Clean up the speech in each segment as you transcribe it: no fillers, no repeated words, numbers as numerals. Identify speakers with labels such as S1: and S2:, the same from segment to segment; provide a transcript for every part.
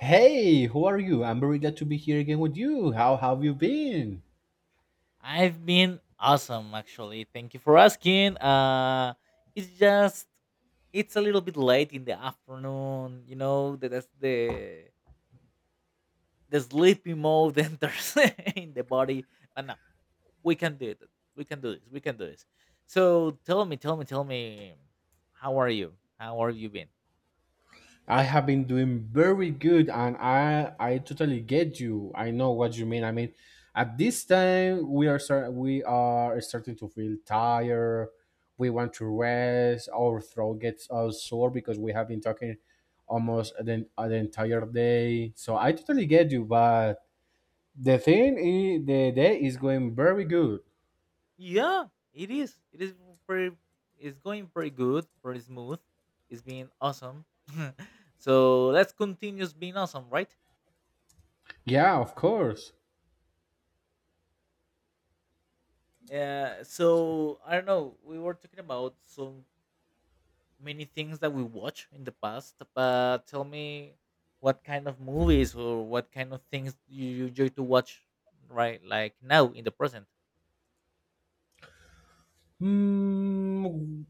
S1: Hey, who are you? I'm very glad to be here again with you. How have you been?
S2: I've been awesome actually. Thank you for asking. It's just it's a little bit late in the afternoon, you know, that's the sleepy mode enters in the body. But no, we can do it. We can do this. We can do this. So tell me, tell me, tell me how are you? How are you been?
S1: I have been doing very good, and I totally get you. I know what you mean. I mean, at this time we are starting to feel tired. We want to rest. Our throat gets all sore because we have been talking almost the entire day. So I totally get you, but the thing is the day is going very good.
S2: Yeah, it is. It is pretty it's going pretty good, pretty smooth. It's been awesome. So let's continue being awesome, right?
S1: Yeah, of course.
S2: Yeah, so I don't know. We were talking about so many things that we watch in the past, but tell me what kind of movies or what kind of things you enjoy to watch right like now in the present.
S1: Hmm.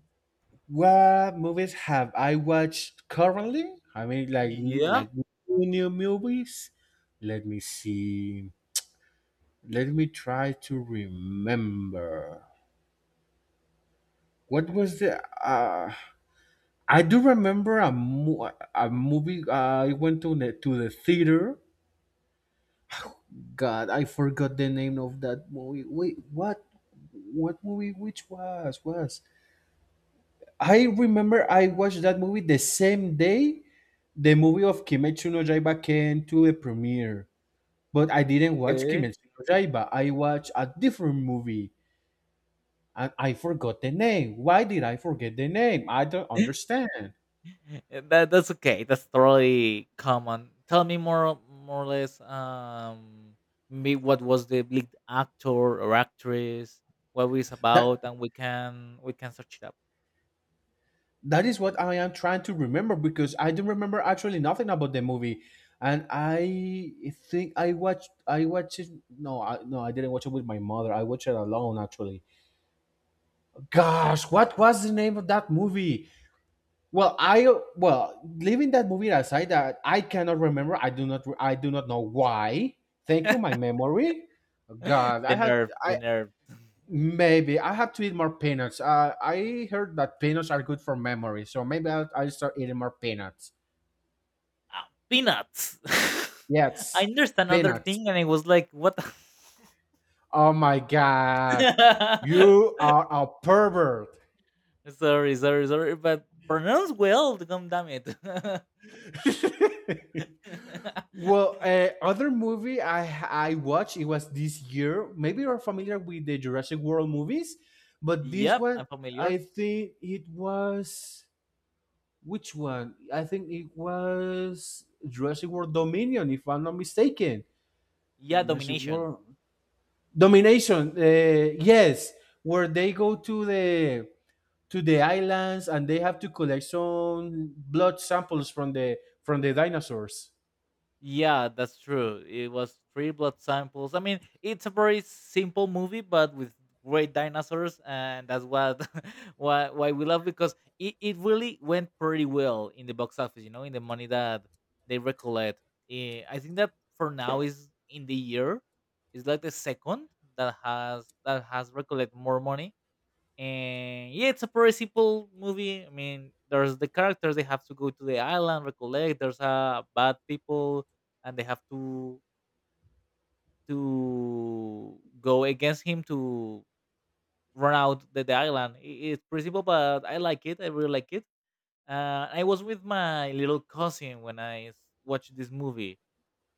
S1: What movies have I watched currently? I mean,
S2: Yeah,
S1: like new new movies. Let me see. Let me try to remember. What was the? Uh, I do remember a movie. I went to the theater. God, I forgot the name of that movie. Wait, what? What movie? Which was? I remember I watched that movie the same day the movie of Kimetsu no Yaiba came to the premiere, but I didn't watch
S2: okay.
S1: Kimetsu no Yaiba. I watched a different movie, and I forgot the name. Why did I forget the name? I don't understand.
S2: That's okay. That's totally common. Tell me more or less me what was the lead actor or actress, what it's
S1: That
S2: about and we can search it up.
S1: that is what I am trying to remember, because I don't remember actually nothing about the movie, and I think I watched it. No, I, no, I didn't watch it with my mother. I watched it alone actually. Gosh, what was the name of that movie? Well, I, well, leaving that movie aside, that I cannot remember. I do not. I do not know why. Thank you, my memory. God, I
S2: The
S1: had.
S2: nerve, the
S1: I
S2: nerve.
S1: maybe I have to eat more peanuts. I heard that peanuts are good for memory, so maybe I'll start eating more peanuts.
S2: Peanuts. I
S1: Yes,
S2: understand another
S1: peanuts.
S2: thing, and I was like, "What?"
S1: Oh my God, you are a pervert.
S2: Sorry, sorry, sorry, but pronounce well. Come, damn it.
S1: Well, other movie I watched it was this year. Maybe you're familiar with the Jurassic World movies, but this
S2: Yep,
S1: one
S2: I'm familiar.
S1: I think it was which one? I think it was Jurassic World Dominion, if I'm not mistaken.
S2: Yeah,
S1: Jurassic
S2: domination.
S1: World Domination. Yes, where they go to the islands and they have to collect some blood samples from the dinosaurs.
S2: Yeah, that's true. It was three blood samples. I mean, it's a very simple movie, but with great dinosaurs, and that's what why we love because it really went pretty well in the box office. You know, in the money that they recollect. I think that for now is in the year, it's like the second that has recollect more money and yeah, it's a pretty simple movie. I mean, there's the characters they have to go to the island, recollect. There's bad people, and they have to go against him to run out the island. It's pretty simple, but I like it. I really like it. I was with my little cousin when watched this movie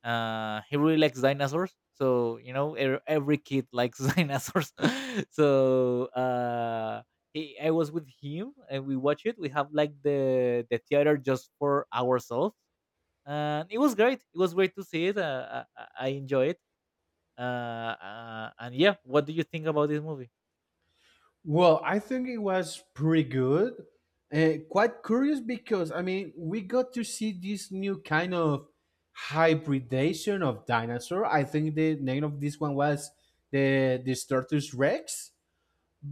S2: he really likes dinosaurs so you know every kid likes dinosaurs so he, I was with him and we watch it we have like the theater just for ourselves and it was great to see it I enjoy it and yeah what do you think about this movie.
S1: Well, I think it was pretty good. Quite curious because, I mean, we got to see this new kind of hybridization of dinosaur. I think the name of this one was the Startus Rex.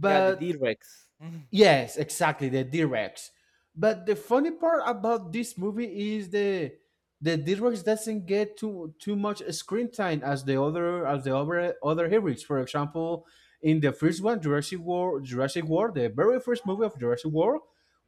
S2: Yeah, the D Rex.
S1: yes, exactly, the Drex. But the funny part about this movie is the Drex doesn't get too much screen time as the other, as the other heroes. For example, in the first one, Jurassic World, the very first movie of Jurassic World,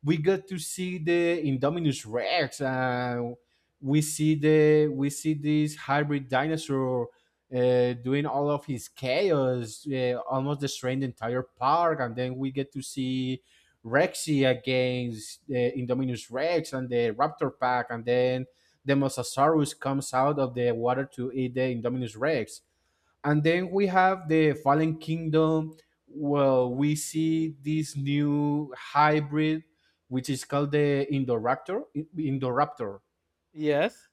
S1: we got to see the Indominus Rex. We see the we see this hybrid dinosaur doing all of his chaos, almost destroying the entire park, and then we get to see Rexy against Indominus Rex and the Raptor Pack, and then the Mosasaurus comes out of the water to eat the Indominus Rex. And then we have the Fallen Kingdom. Well, we see this new hybrid, which is called the Indoraptor. Indoraptor,
S2: Yes.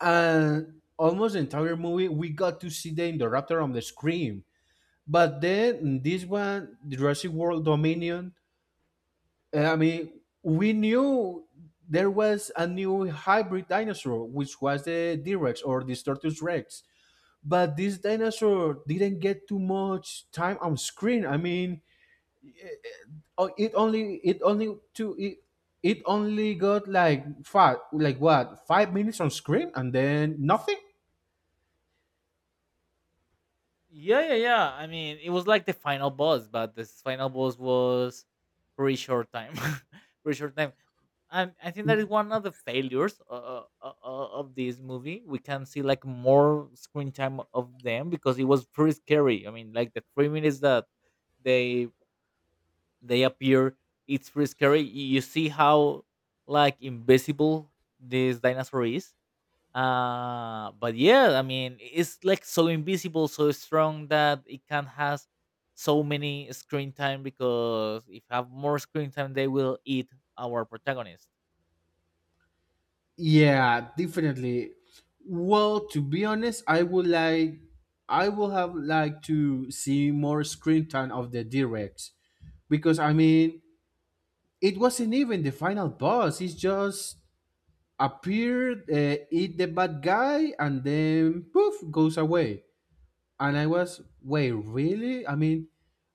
S1: and almost the entire movie we got to see the Indoraptor on the screen. But then this one, Jurassic World Dominion, I mean, we knew there was a new hybrid dinosaur, which was the D-Rex or the Tortoise Rex. But this dinosaur didn't get too much time on screen. I mean, oh, it only it only to it, it only got like five, like what, 5 minutes on screen, and then nothing.
S2: Yeah, yeah, yeah. I mean, it was like the final boss, but this final boss was pretty short time, pretty short time. I think that is one of the failures of this movie. We can see like more screen time of them because it was pretty scary. I mean, like the 3 minutes that they they appear, it's pretty scary. You see how like invisible this dinosaur is, but yeah I mean it's like so invisible so strong that it can has so many screen time because if have more screen time they will eat our protagonist.
S1: Yeah, definitely. Well, to be honest, I would like I would have liked to see more screen time of the Drex because I mean it wasn't even the final boss. He just appeared, eat the bad guy, and then poof, goes away. And I was, wait, really? I mean,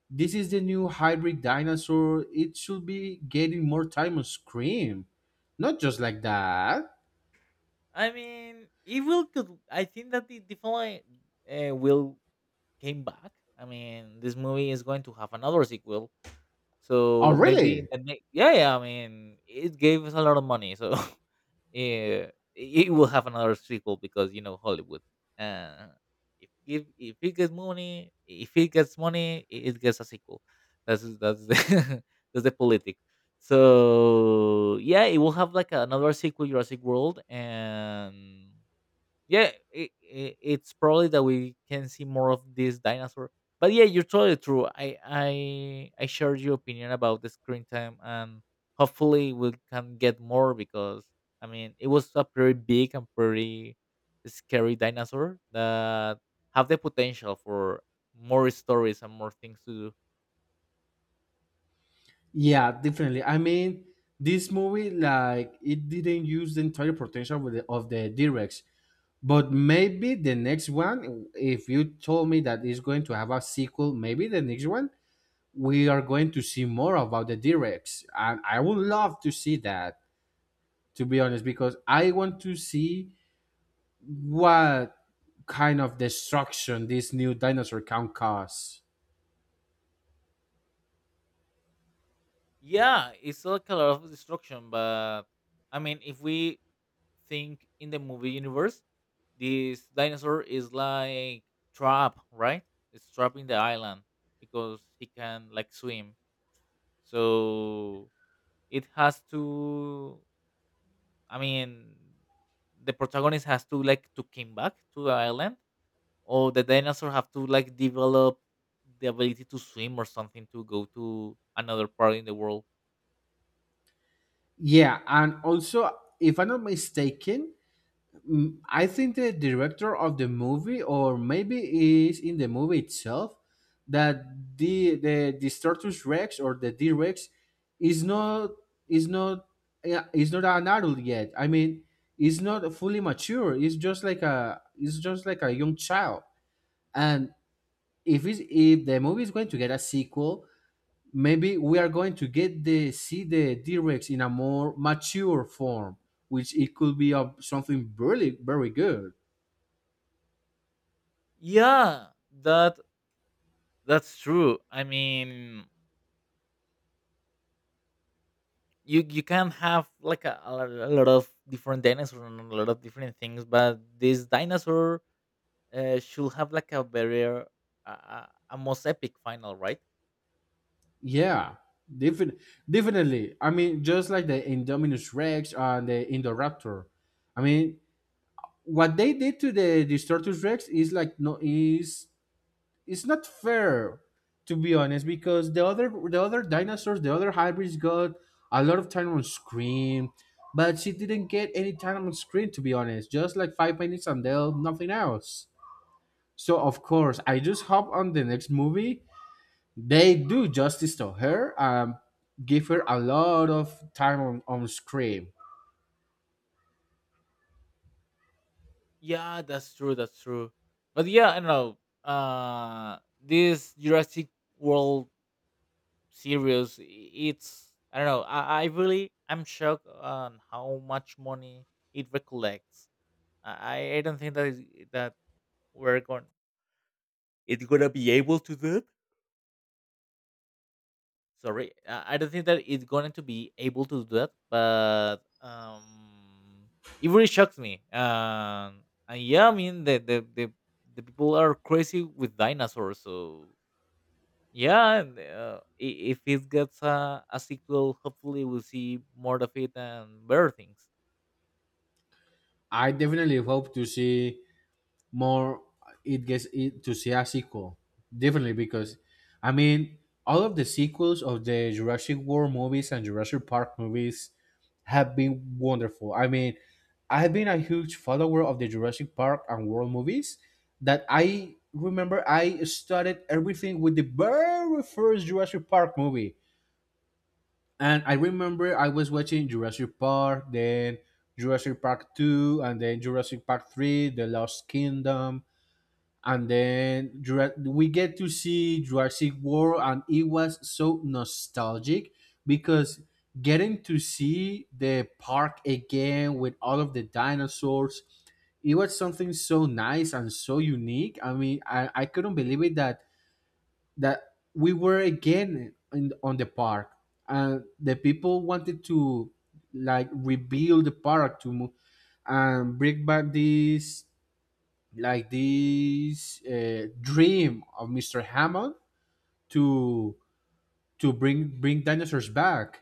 S1: this is the new hybrid dinosaur. It should be getting more time on screen, not just like that.
S2: I mean it will could. I think that it definitely will came back. I mean this movie is going to have another sequel
S1: Oh,
S2: so maybe
S1: really?
S2: the next yeah yeah I mean it gave us a lot of money so it will have another sequel because you know Hollywood. Uh, if it gets money, if it gets money, it gets a sequel. That's the that's the politics. So yeah, it will have like another sequel, Jurassic World, and yeah it's probably that we can see more of this dinosaur but yeah you're totally true I shared your opinion about the screen time and hopefully we can get more because I mean it was a pretty big and pretty scary dinosaur that have the potential for more stories and more things to do.
S1: Yeah, definitely. I mean, this movie like it didn't use the entire potential with of the directs, but maybe the next one, if you told me that it's going to have a sequel, maybe the next one we are going to see more about the directs, and I would love to see that. To be honest, because I want to see what kind of destruction this new dinosaur can cause.
S2: Yeah it's like a lot of destruction but I mean if we think in the movie universe, this dinosaur is like trapped, right? It's trapped in the island because he can like swim. So it has to I mean, the protagonist has to like to come back to the island, or the dinosaur have to like develop the ability to swim or something to go to another part in the world.
S1: Yeah, and also, if I'm not mistaken, mm, I think the director of the movie, or maybe is in the movie itself, that the Status Rex or the D Rex is not is not yeah, is not an adult yet. I mean, it's not fully mature. It's just like a it's just like a young child. And if the movie is going to get a sequel, maybe we are going to get the see the D Rex in a more mature form, which it could be of something really very good.
S2: Yeah, that that's true. I mean, you can have like a lot of different dinosaurs and a lot of different things but this dinosaur should have like a very a most epic final right.
S1: Yeah, defin- definitely. I mean, just like the Indominus Rex and the Indoraptor. I mean, what they did to the Distortus Rex is it's not fair, to be honest, because the other dinosaurs, the other hybrids, got a lot of time on screen, but she didn't get any time on screen, to be honest. Just like 5 minutes and they'll nothing else. So of course, I just hope on the next movie they do justice to her, um, give her a lot of time on screen.
S2: Yeah, that's true. That's true. But yeah, I don't know. This Jurassic World series, it's I don't know. I really I'm shocked on how much money it recollects. I don't think that that we're going. It's gonna be able to do. It. Sorry I don't think that it's going to be able to do that but it really shocks me and yeah I mean the people are crazy with dinosaurs so yeah and, if it gets a sequel hopefully we'll see more of it and better things.
S1: I definitely hope to see more, it gets it to see a sequel, definitely, because I mean all of the sequels of the Jurassic World movies and Jurassic Park movies have been wonderful. I mean, I've been a huge follower of the Jurassic Park and World movies, that I remember I started everything with the very first Jurassic Park movie. And I remember I was watching Jurassic Park, then Jurassic Park 2, and then Jurassic Park 3, The Lost Kingdom. And then we get to see Jurassic World, and it was so nostalgic because getting to see the park again with all of the dinosaurs, it was something so nice and so unique. I mean, I couldn't believe it that that we were again on the park, and the people wanted to like rebuild the park to mo- and bring back this like this dream of Mr. Hammond to bring dinosaurs back.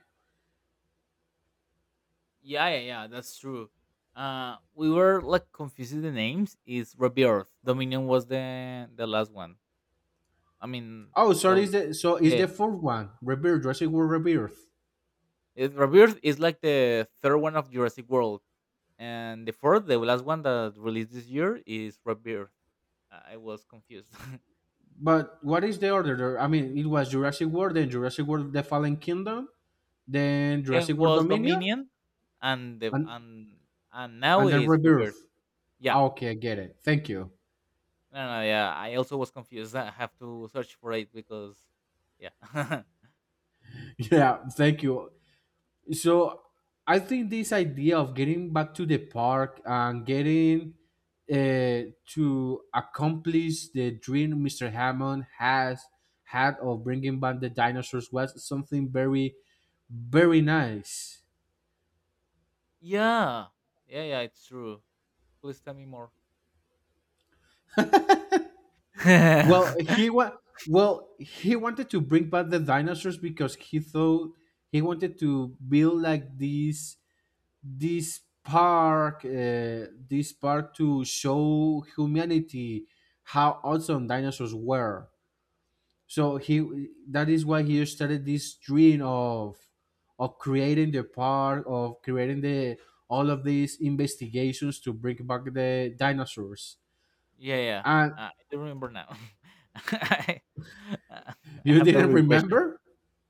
S2: Yeah, yeah, yeah, that's true. We were like confusing the names. Is Rebirth? Dominion was the last one. I mean,
S1: Oh, sorry,
S2: the
S1: is the so is
S2: yeah,
S1: the fourth one Rebirth, Jurassic World Rebirth?
S2: it, Rebirth is like the third one of Jurassic World, and the fourth, the last one that released this year is Rebirth. I was confused.
S1: But what is the order there? I mean, it was Jurassic World, then Jurassic World: The Fallen Kingdom, then
S2: Then
S1: Jurassic World
S2: was
S1: Dominion,
S2: Dominion, and the
S1: and
S2: and now
S1: and then
S2: is Rebirth.
S1: Rebirth.
S2: Yeah,
S1: Ah, okay, I get it. Thank you.
S2: no, no, yeah. I also was confused. I have to search for it because, yeah,
S1: Yeah, thank you. So I think this idea of getting back to the park and getting to accomplish the dream Mr. Hammond has had of bringing back the dinosaurs was something very, very nice.
S2: yeah, yeah, yeah. It's true. Please tell me more. Yeah,
S1: Well, well he wanted to bring back the dinosaurs because he thought he wanted to build like this this park to show humanity how awesome dinosaurs were, so he, that is why he started this dream of creating the park, of creating the all of these investigations to bring back the dinosaurs.
S2: yeah.
S1: And
S2: I do remember now. I, uh, I
S1: you
S2: have the
S1: didn't
S2: regression.
S1: remember.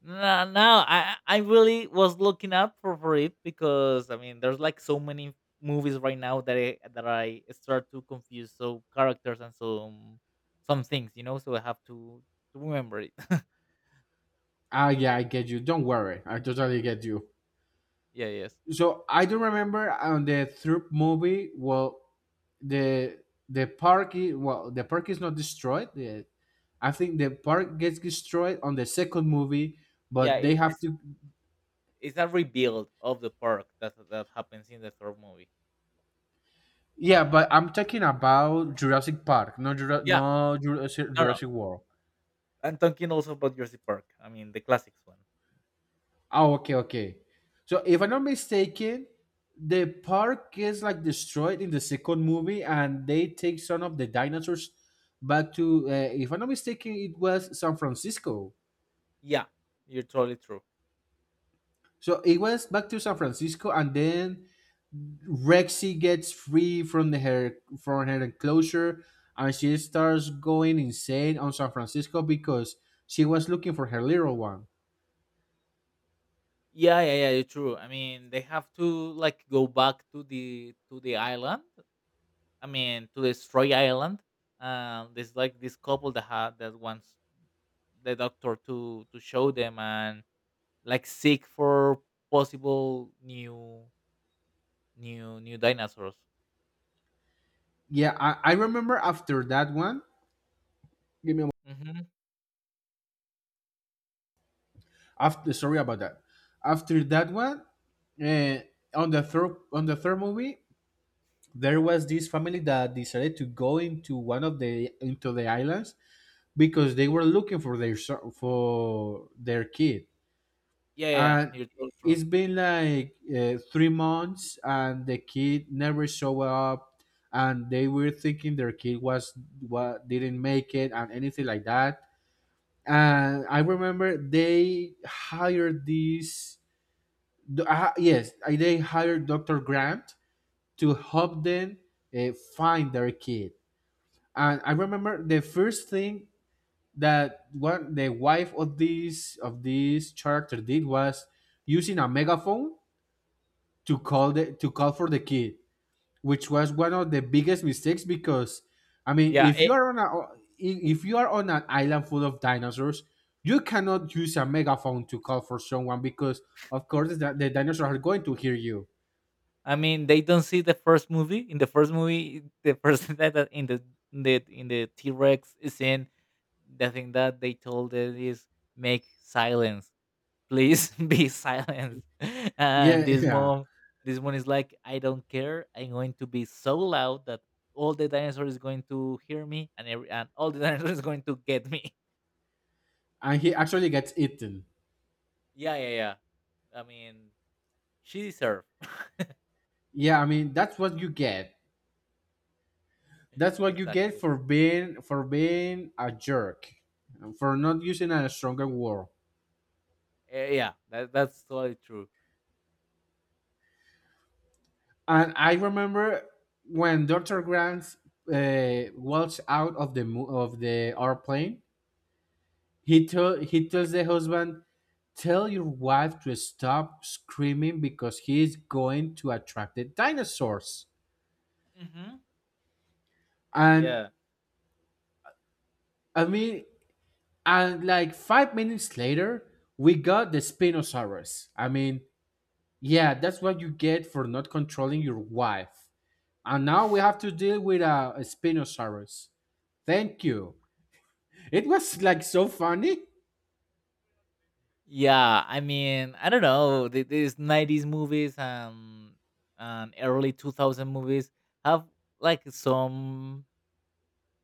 S2: No, no, I really was looking up for it because I mean, there's like so many movies right now that I start to confuse so characters and some things, you know. So I have to remember it.
S1: Ah, yeah, I get you, don't worry, I totally get you.
S2: Yeah, yes,
S1: So I do remember on the Troop movie, well, the the park is, well, the park is not destroyed. The, I think the park gets destroyed on the second movie,
S2: yeah.
S1: but they
S2: It
S1: have
S2: is
S1: to.
S2: it's a rebuild of the park that happens in the third movie.
S1: Yeah, but I'm talking about Jurassic Park, no,
S2: Yeah, no, no.
S1: Jurassic World.
S2: I'm talking also about Jurassic Park. I mean, the classics one.
S1: Oh, okay, okay. So if I'm not mistaken, the park is like destroyed in the second movie, and they take some of the dinosaurs back to. If I'm not mistaken, it was San Francisco.
S2: Yeah, you're totally true.
S1: So it was back to San Francisco, and then Rexy gets free from the her from her enclosure, and she starts going insane on San Francisco because she was looking for her little one.
S2: Yeah, yeah, yeah, you're true. I mean, they have to like go back to the island I mean, to destroy Ireland. There's like this couple that had that wants the doctor to show them and like seek for possible new dinosaurs.
S1: Yeah, I remember after that one. Give me a
S2: Hmm.
S1: after sorry about that. After that one, uh, on the third movie, there was this family that decided to go into one of the into the islands because they were looking for their for their kid,
S2: Yeah, yeah,
S1: and
S2: you're totally true.
S1: it's been like 3 months, and the kid never showed up, and they were thinking their kid was what didn't make it and anything like that. And I remember they hired this they hired Dr. Grant to help them find their kid. And I remember the first thing that one the wife of this character did was using a megaphone to call for the kid, which was one of the biggest mistakes because I mean,
S2: Yeah,
S1: if you
S2: it,
S1: are on a if you are on an island full of dinosaurs, you cannot use a megaphone to call for someone because of course the dinosaurs are going to hear you.
S2: I mean, they don't see the first movie. In the first movie, the person that that in the in the in the T Rex scene, the thing that they told it is make silence please be silent and
S1: Yeah,
S2: this
S1: yeah.
S2: mom this one is like I don't care I'm going to be so loud that all the dinosaur is going to hear me and every and all the dinosaur is going to get me.
S1: And he actually gets eaten.
S2: Yeah yeah yeah I mean she deserved.
S1: Yeah, I mean that's what you get. That's what you get
S2: Exactly.
S1: for being a jerk, and for not using a stronger word.
S2: Yeah that's totally true.
S1: And I remember when Doctor Grant walks out of of the airplane. He tells the husband, "Tell your wife to stop screaming because he is going to attract the dinosaurs."
S2: Hmm.
S1: And
S2: Yeah
S1: I mean, and like 5 minutes later, we got the Spinosaurus. I mean, yeah, that's what you get for not controlling your wife. And now we have to deal with a Spinosaurus. Thank you. It was like so funny.
S2: yeah I mean I don't know these 90s movies and early 2000 movies have like some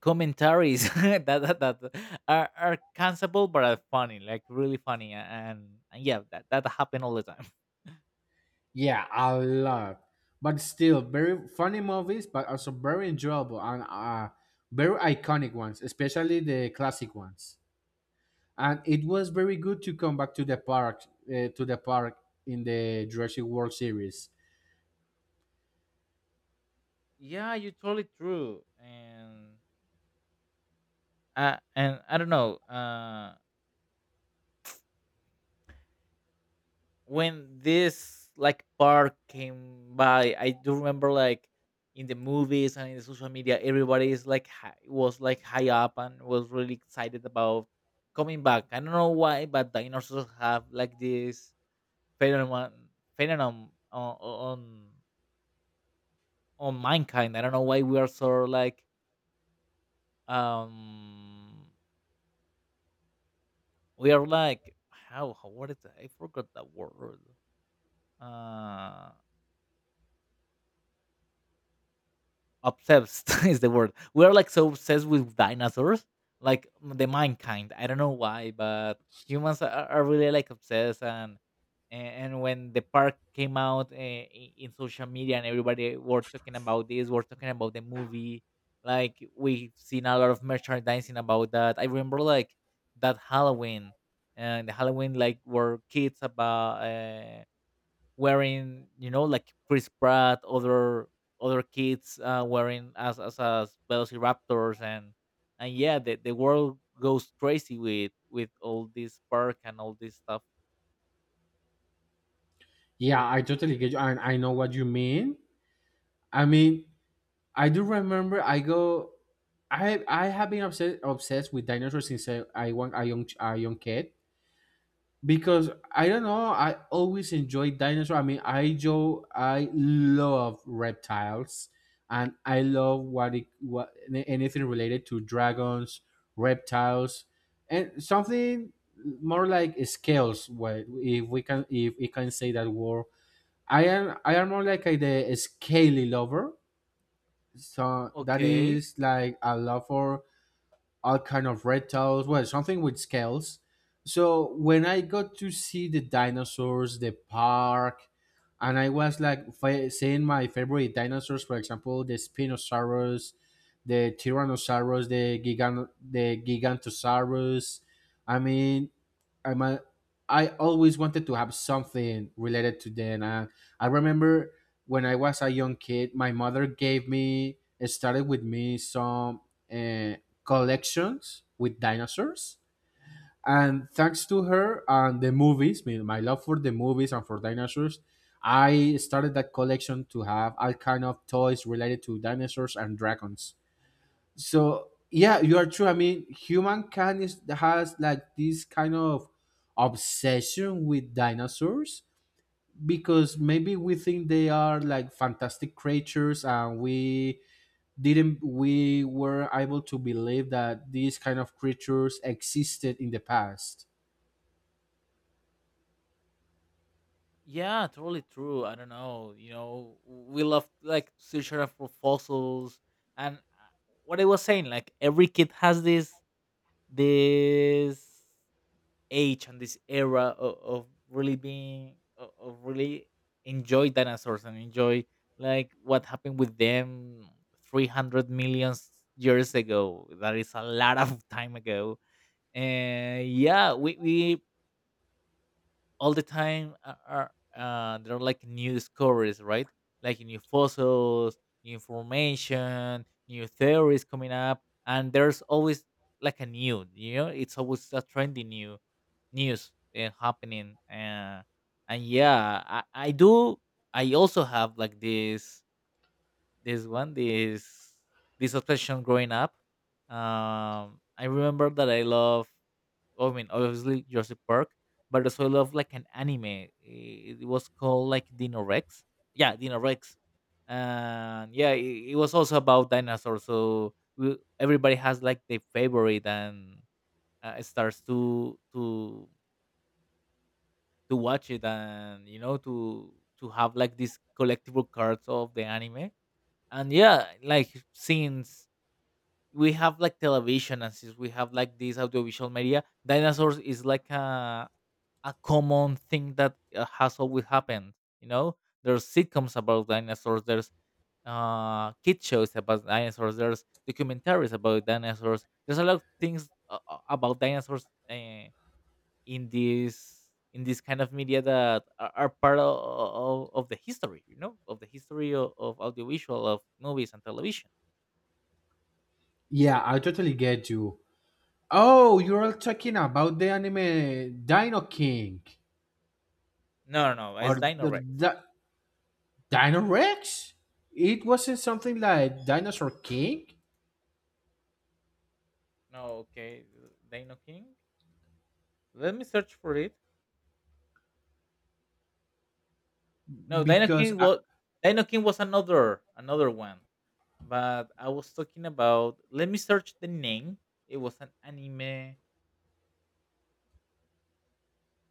S2: commentaries that are cancelable but are funny, like really funny, and yeah, that that happen all the time.
S1: Yeah, a lot. But still, very funny movies, but also very enjoyable and very iconic ones, especially the classic ones. And it was very good to come back to the park, to the park in the Jurassic World series.
S2: Yeah, you're totally true, and I don't know. When this like part came by, I do remember like in the movies and in the social media, everybody is like hi was like high up and was really excited about coming back. I don't know why, but dinosaurs have like this phenomenon phenomenon on mankind. I don't know why we are so like um we are like how what is it? I forgot that word. Uh Obsessed is the word. We're like so obsessed with dinosaurs, like the mankind. I don't know why, but humans are really like obsessed. And when the park came out in social media and everybody were talking about this, were talking about the movie. Like we've seen a lot of merchandising about that. I remember like that Halloween and the Halloween like were kids about wearing, you know, like Chris Pratt, other kids wearing as Velociraptors, and yeah, the world goes crazy with all this park and all this stuff.
S1: Yeah, I totally get you, and I know what you mean. I mean, I do remember. I go. I have been obsessed with dinosaurs since I was a young kid because I don't know. I always enjoyed dinosaurs. I mean, I Joe. I love reptiles, and I love what anything related to dragons, reptiles, and something more like scales. What if we can say that word. I am more like the scaly lover. So that
S2: Okay.
S1: is like a love for all kind of reptiles, well, something with scales. So when I got to see the dinosaurs, the park, and I was like seeing my favorite dinosaurs, for example, the Spinosaurus, the Tyrannosaurus, the Gigantosaurus. I mean, I'm a, I always wanted to have something related to them. And I remember when I was a young kid, my mother gave me, started with me some uh, collections with dinosaurs. And thanks to her and the movies, my love for the movies and for dinosaurs, I started that collection to have all kind of toys related to dinosaurs and dragons. So yeah, you are true. I mean, humankind is, has like this kind of obsession with dinosaurs because maybe we think they are like fantastic creatures and we didn't we were able to believe that these kind of creatures existed in the past.
S2: Yeah, totally true. I don't know. You know, we love like searching for fossils and what I was saying, like every kid has this this age and this era of really being of really enjoy dinosaurs and enjoy like what happened with them 300 million years ago that is a lot of time ago and yeah we all the time are there are like new discoveries, right? Like new fossils, new information, new theories coming up, and there's always like a new, it's always a trendy new news happening. And yeah, I do. I also have like this this obsession growing up. I remember that I mean, obviously Jurassic Park, but also I love like an anime. It was called like Dino Rex. Yeah, Dino Rex. And yeah, it was also about dinosaurs. So we, everybody has like their favorite and it starts to watch it and to have like these collectible cards of the anime. And yeah, like since we have like television and since we have like this audiovisual media, dinosaurs is like a common thing that has always happened. You know, there's sitcoms about dinosaurs, there's kid shows about dinosaurs, there's documentaries about dinosaurs. There's a lot of things about dinosaurs in this in this kind of media that are part of, of the history. You know, of the history of audiovisual, of movies and television.
S1: Yeah, I totally get you. Oh, you're all talking about the anime Dino King
S2: No, no, no,
S1: or
S2: it's Dino
S1: the,
S2: Rex.
S1: the Dino Rex. It wasn't something like Dinosaur King
S2: No, okay, Dino King. Let me search for it. No,
S1: because I,
S2: Dino King was another one. But I was talking about, let me search the name. It was an anime.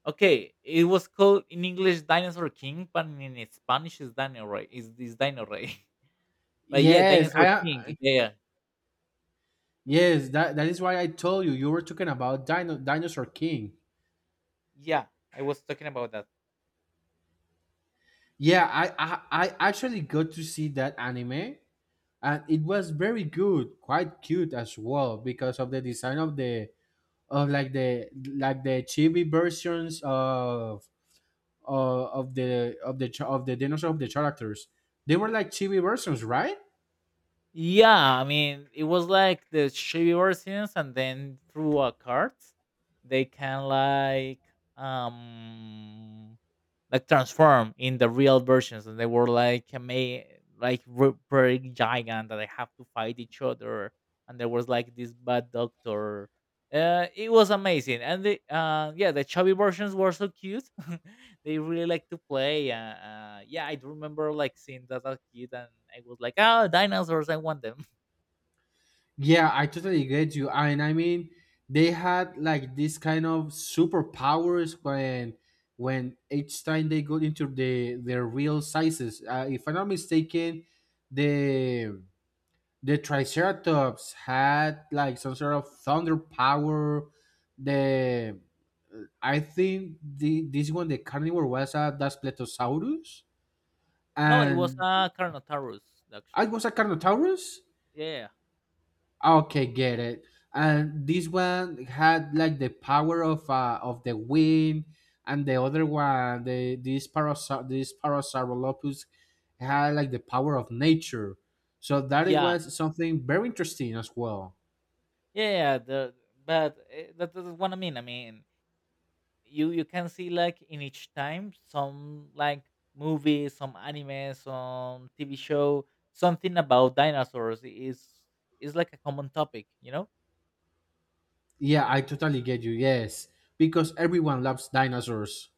S2: Okay, it was called in English Dinosaur King, but in Spanish is Dino Rey. Is Dino Rey. But yeah,
S1: yes,
S2: Dinosaur
S1: I,
S2: King. Yeah.
S1: yes that that is why I told you you were talking about Dinosaur King.
S2: Yeah. I was talking about that.
S1: Yeah, I actually got to see that anime and it was very good, quite cute as well because of the design of the of like the chibi versions of the cha- of the dinosaur of the characters. They were like chibi versions, right?
S2: Yeah, I mean it was like the Chevy versions and then through a cart they can um like transform in the real versions and they were pretty giant that they have to fight each other and there was like this bad doctor. It was amazing and the yeah, the chubby versions were so cute. They really like to play. Yeah, I do remember like seeing that as a kid, and I was like, oh, dinosaurs, I want them.
S1: Yeah, I totally get you. And I mean, they had like this kind of superpowers when each time they got into their real sizes. If I'm not mistaken, the the Triceratops had like some sort of thunder power. The I think the this one the carnivore was a Daspletosaurus,
S2: No, it was
S1: and
S2: carnotaurus
S1: I
S2: actually.
S1: was a Carnotaurus.
S2: yeah
S1: Okay, get it. And this one had like the power of the wind, and the other one, the this parasa this Parasaurolophus had like the power of nature. So that it
S2: yeah
S1: was something very interesting as well.
S2: yeah the but that, that's what I mean. I mean, you can see like in each time, some like movie, some anime, some TV show, something about dinosaurs is like a common topic, you know.
S1: Yeah, I totally get you. Yes, because everyone loves dinosaurs.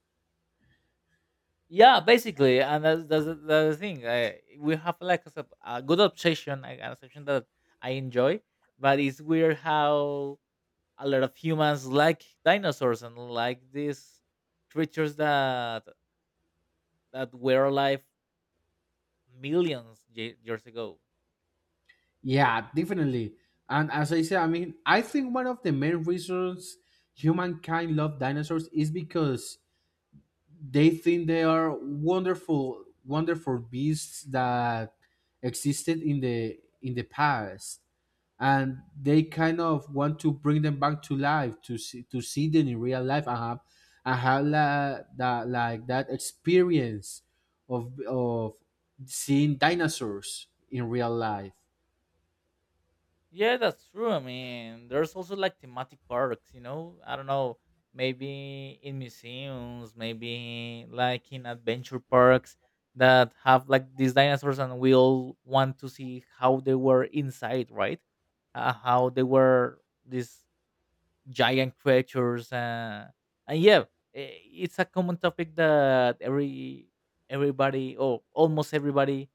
S2: Yeah, basically, and that's the thing. We have like a good obsession, like an obsession that I enjoy, but it's weird how a lot of humans like dinosaurs and like these creatures that that were alive years ago.
S1: Yeah, definitely. And as I said, I mean, I think one of the main reasons humankind love dinosaurs is because they think they are wonderful beasts that existed in the past and they kind of want to bring them back to life to see them in real life and have that like that experience of seeing dinosaurs in real life.
S2: Yeah, that's true. I mean, there's also like thematic parks, you know? I don't know, maybe in museums, maybe like in adventure parks that have like these dinosaurs, and we all want to see how they were inside, right? How they were these giant creatures. And yeah, it's a common topic that everybody or almost everybody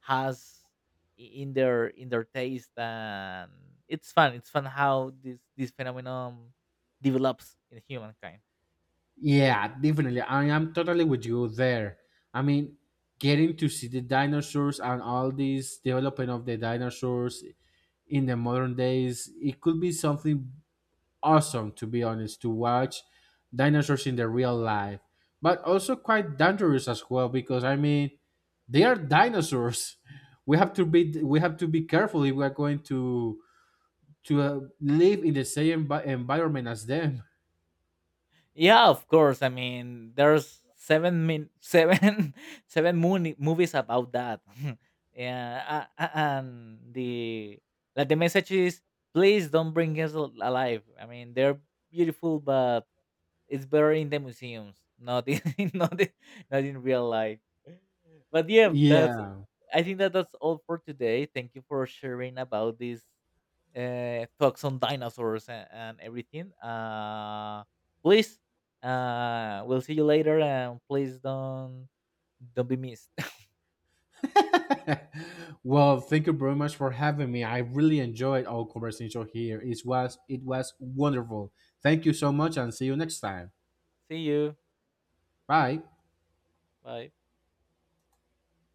S2: has in their taste, and it's fun, it's fun how this this phenomenon develops in humankind.
S1: Yeah, definitely. I am totally with you there. I mean, getting to see the dinosaurs and all this development of the dinosaurs in the modern days, it could be something awesome, to be honest, to watch dinosaurs in the real life, but also quite dangerous as well because I mean, they are dinosaurs. We have to be careful if we are going to live in the same environment as them.
S2: Yeah, of course. I mean, there's seven min seven seven moon movies about that. Yeah, and the like the message is, please don't bring us alive. I mean, they're beautiful, but it's better in the museums, not in not in, not in real life. But yeah, that's
S1: Yeah.
S2: I think that that's all for today. Thank you for sharing about these talks on dinosaurs and everything. Please, we'll see you later, and please don't be missed.
S1: Well, thank you very much for having me. I really enjoyed our conversation here. It was wonderful. Thank you so much and see you next time.
S2: See you.
S1: Bye.
S2: Bye.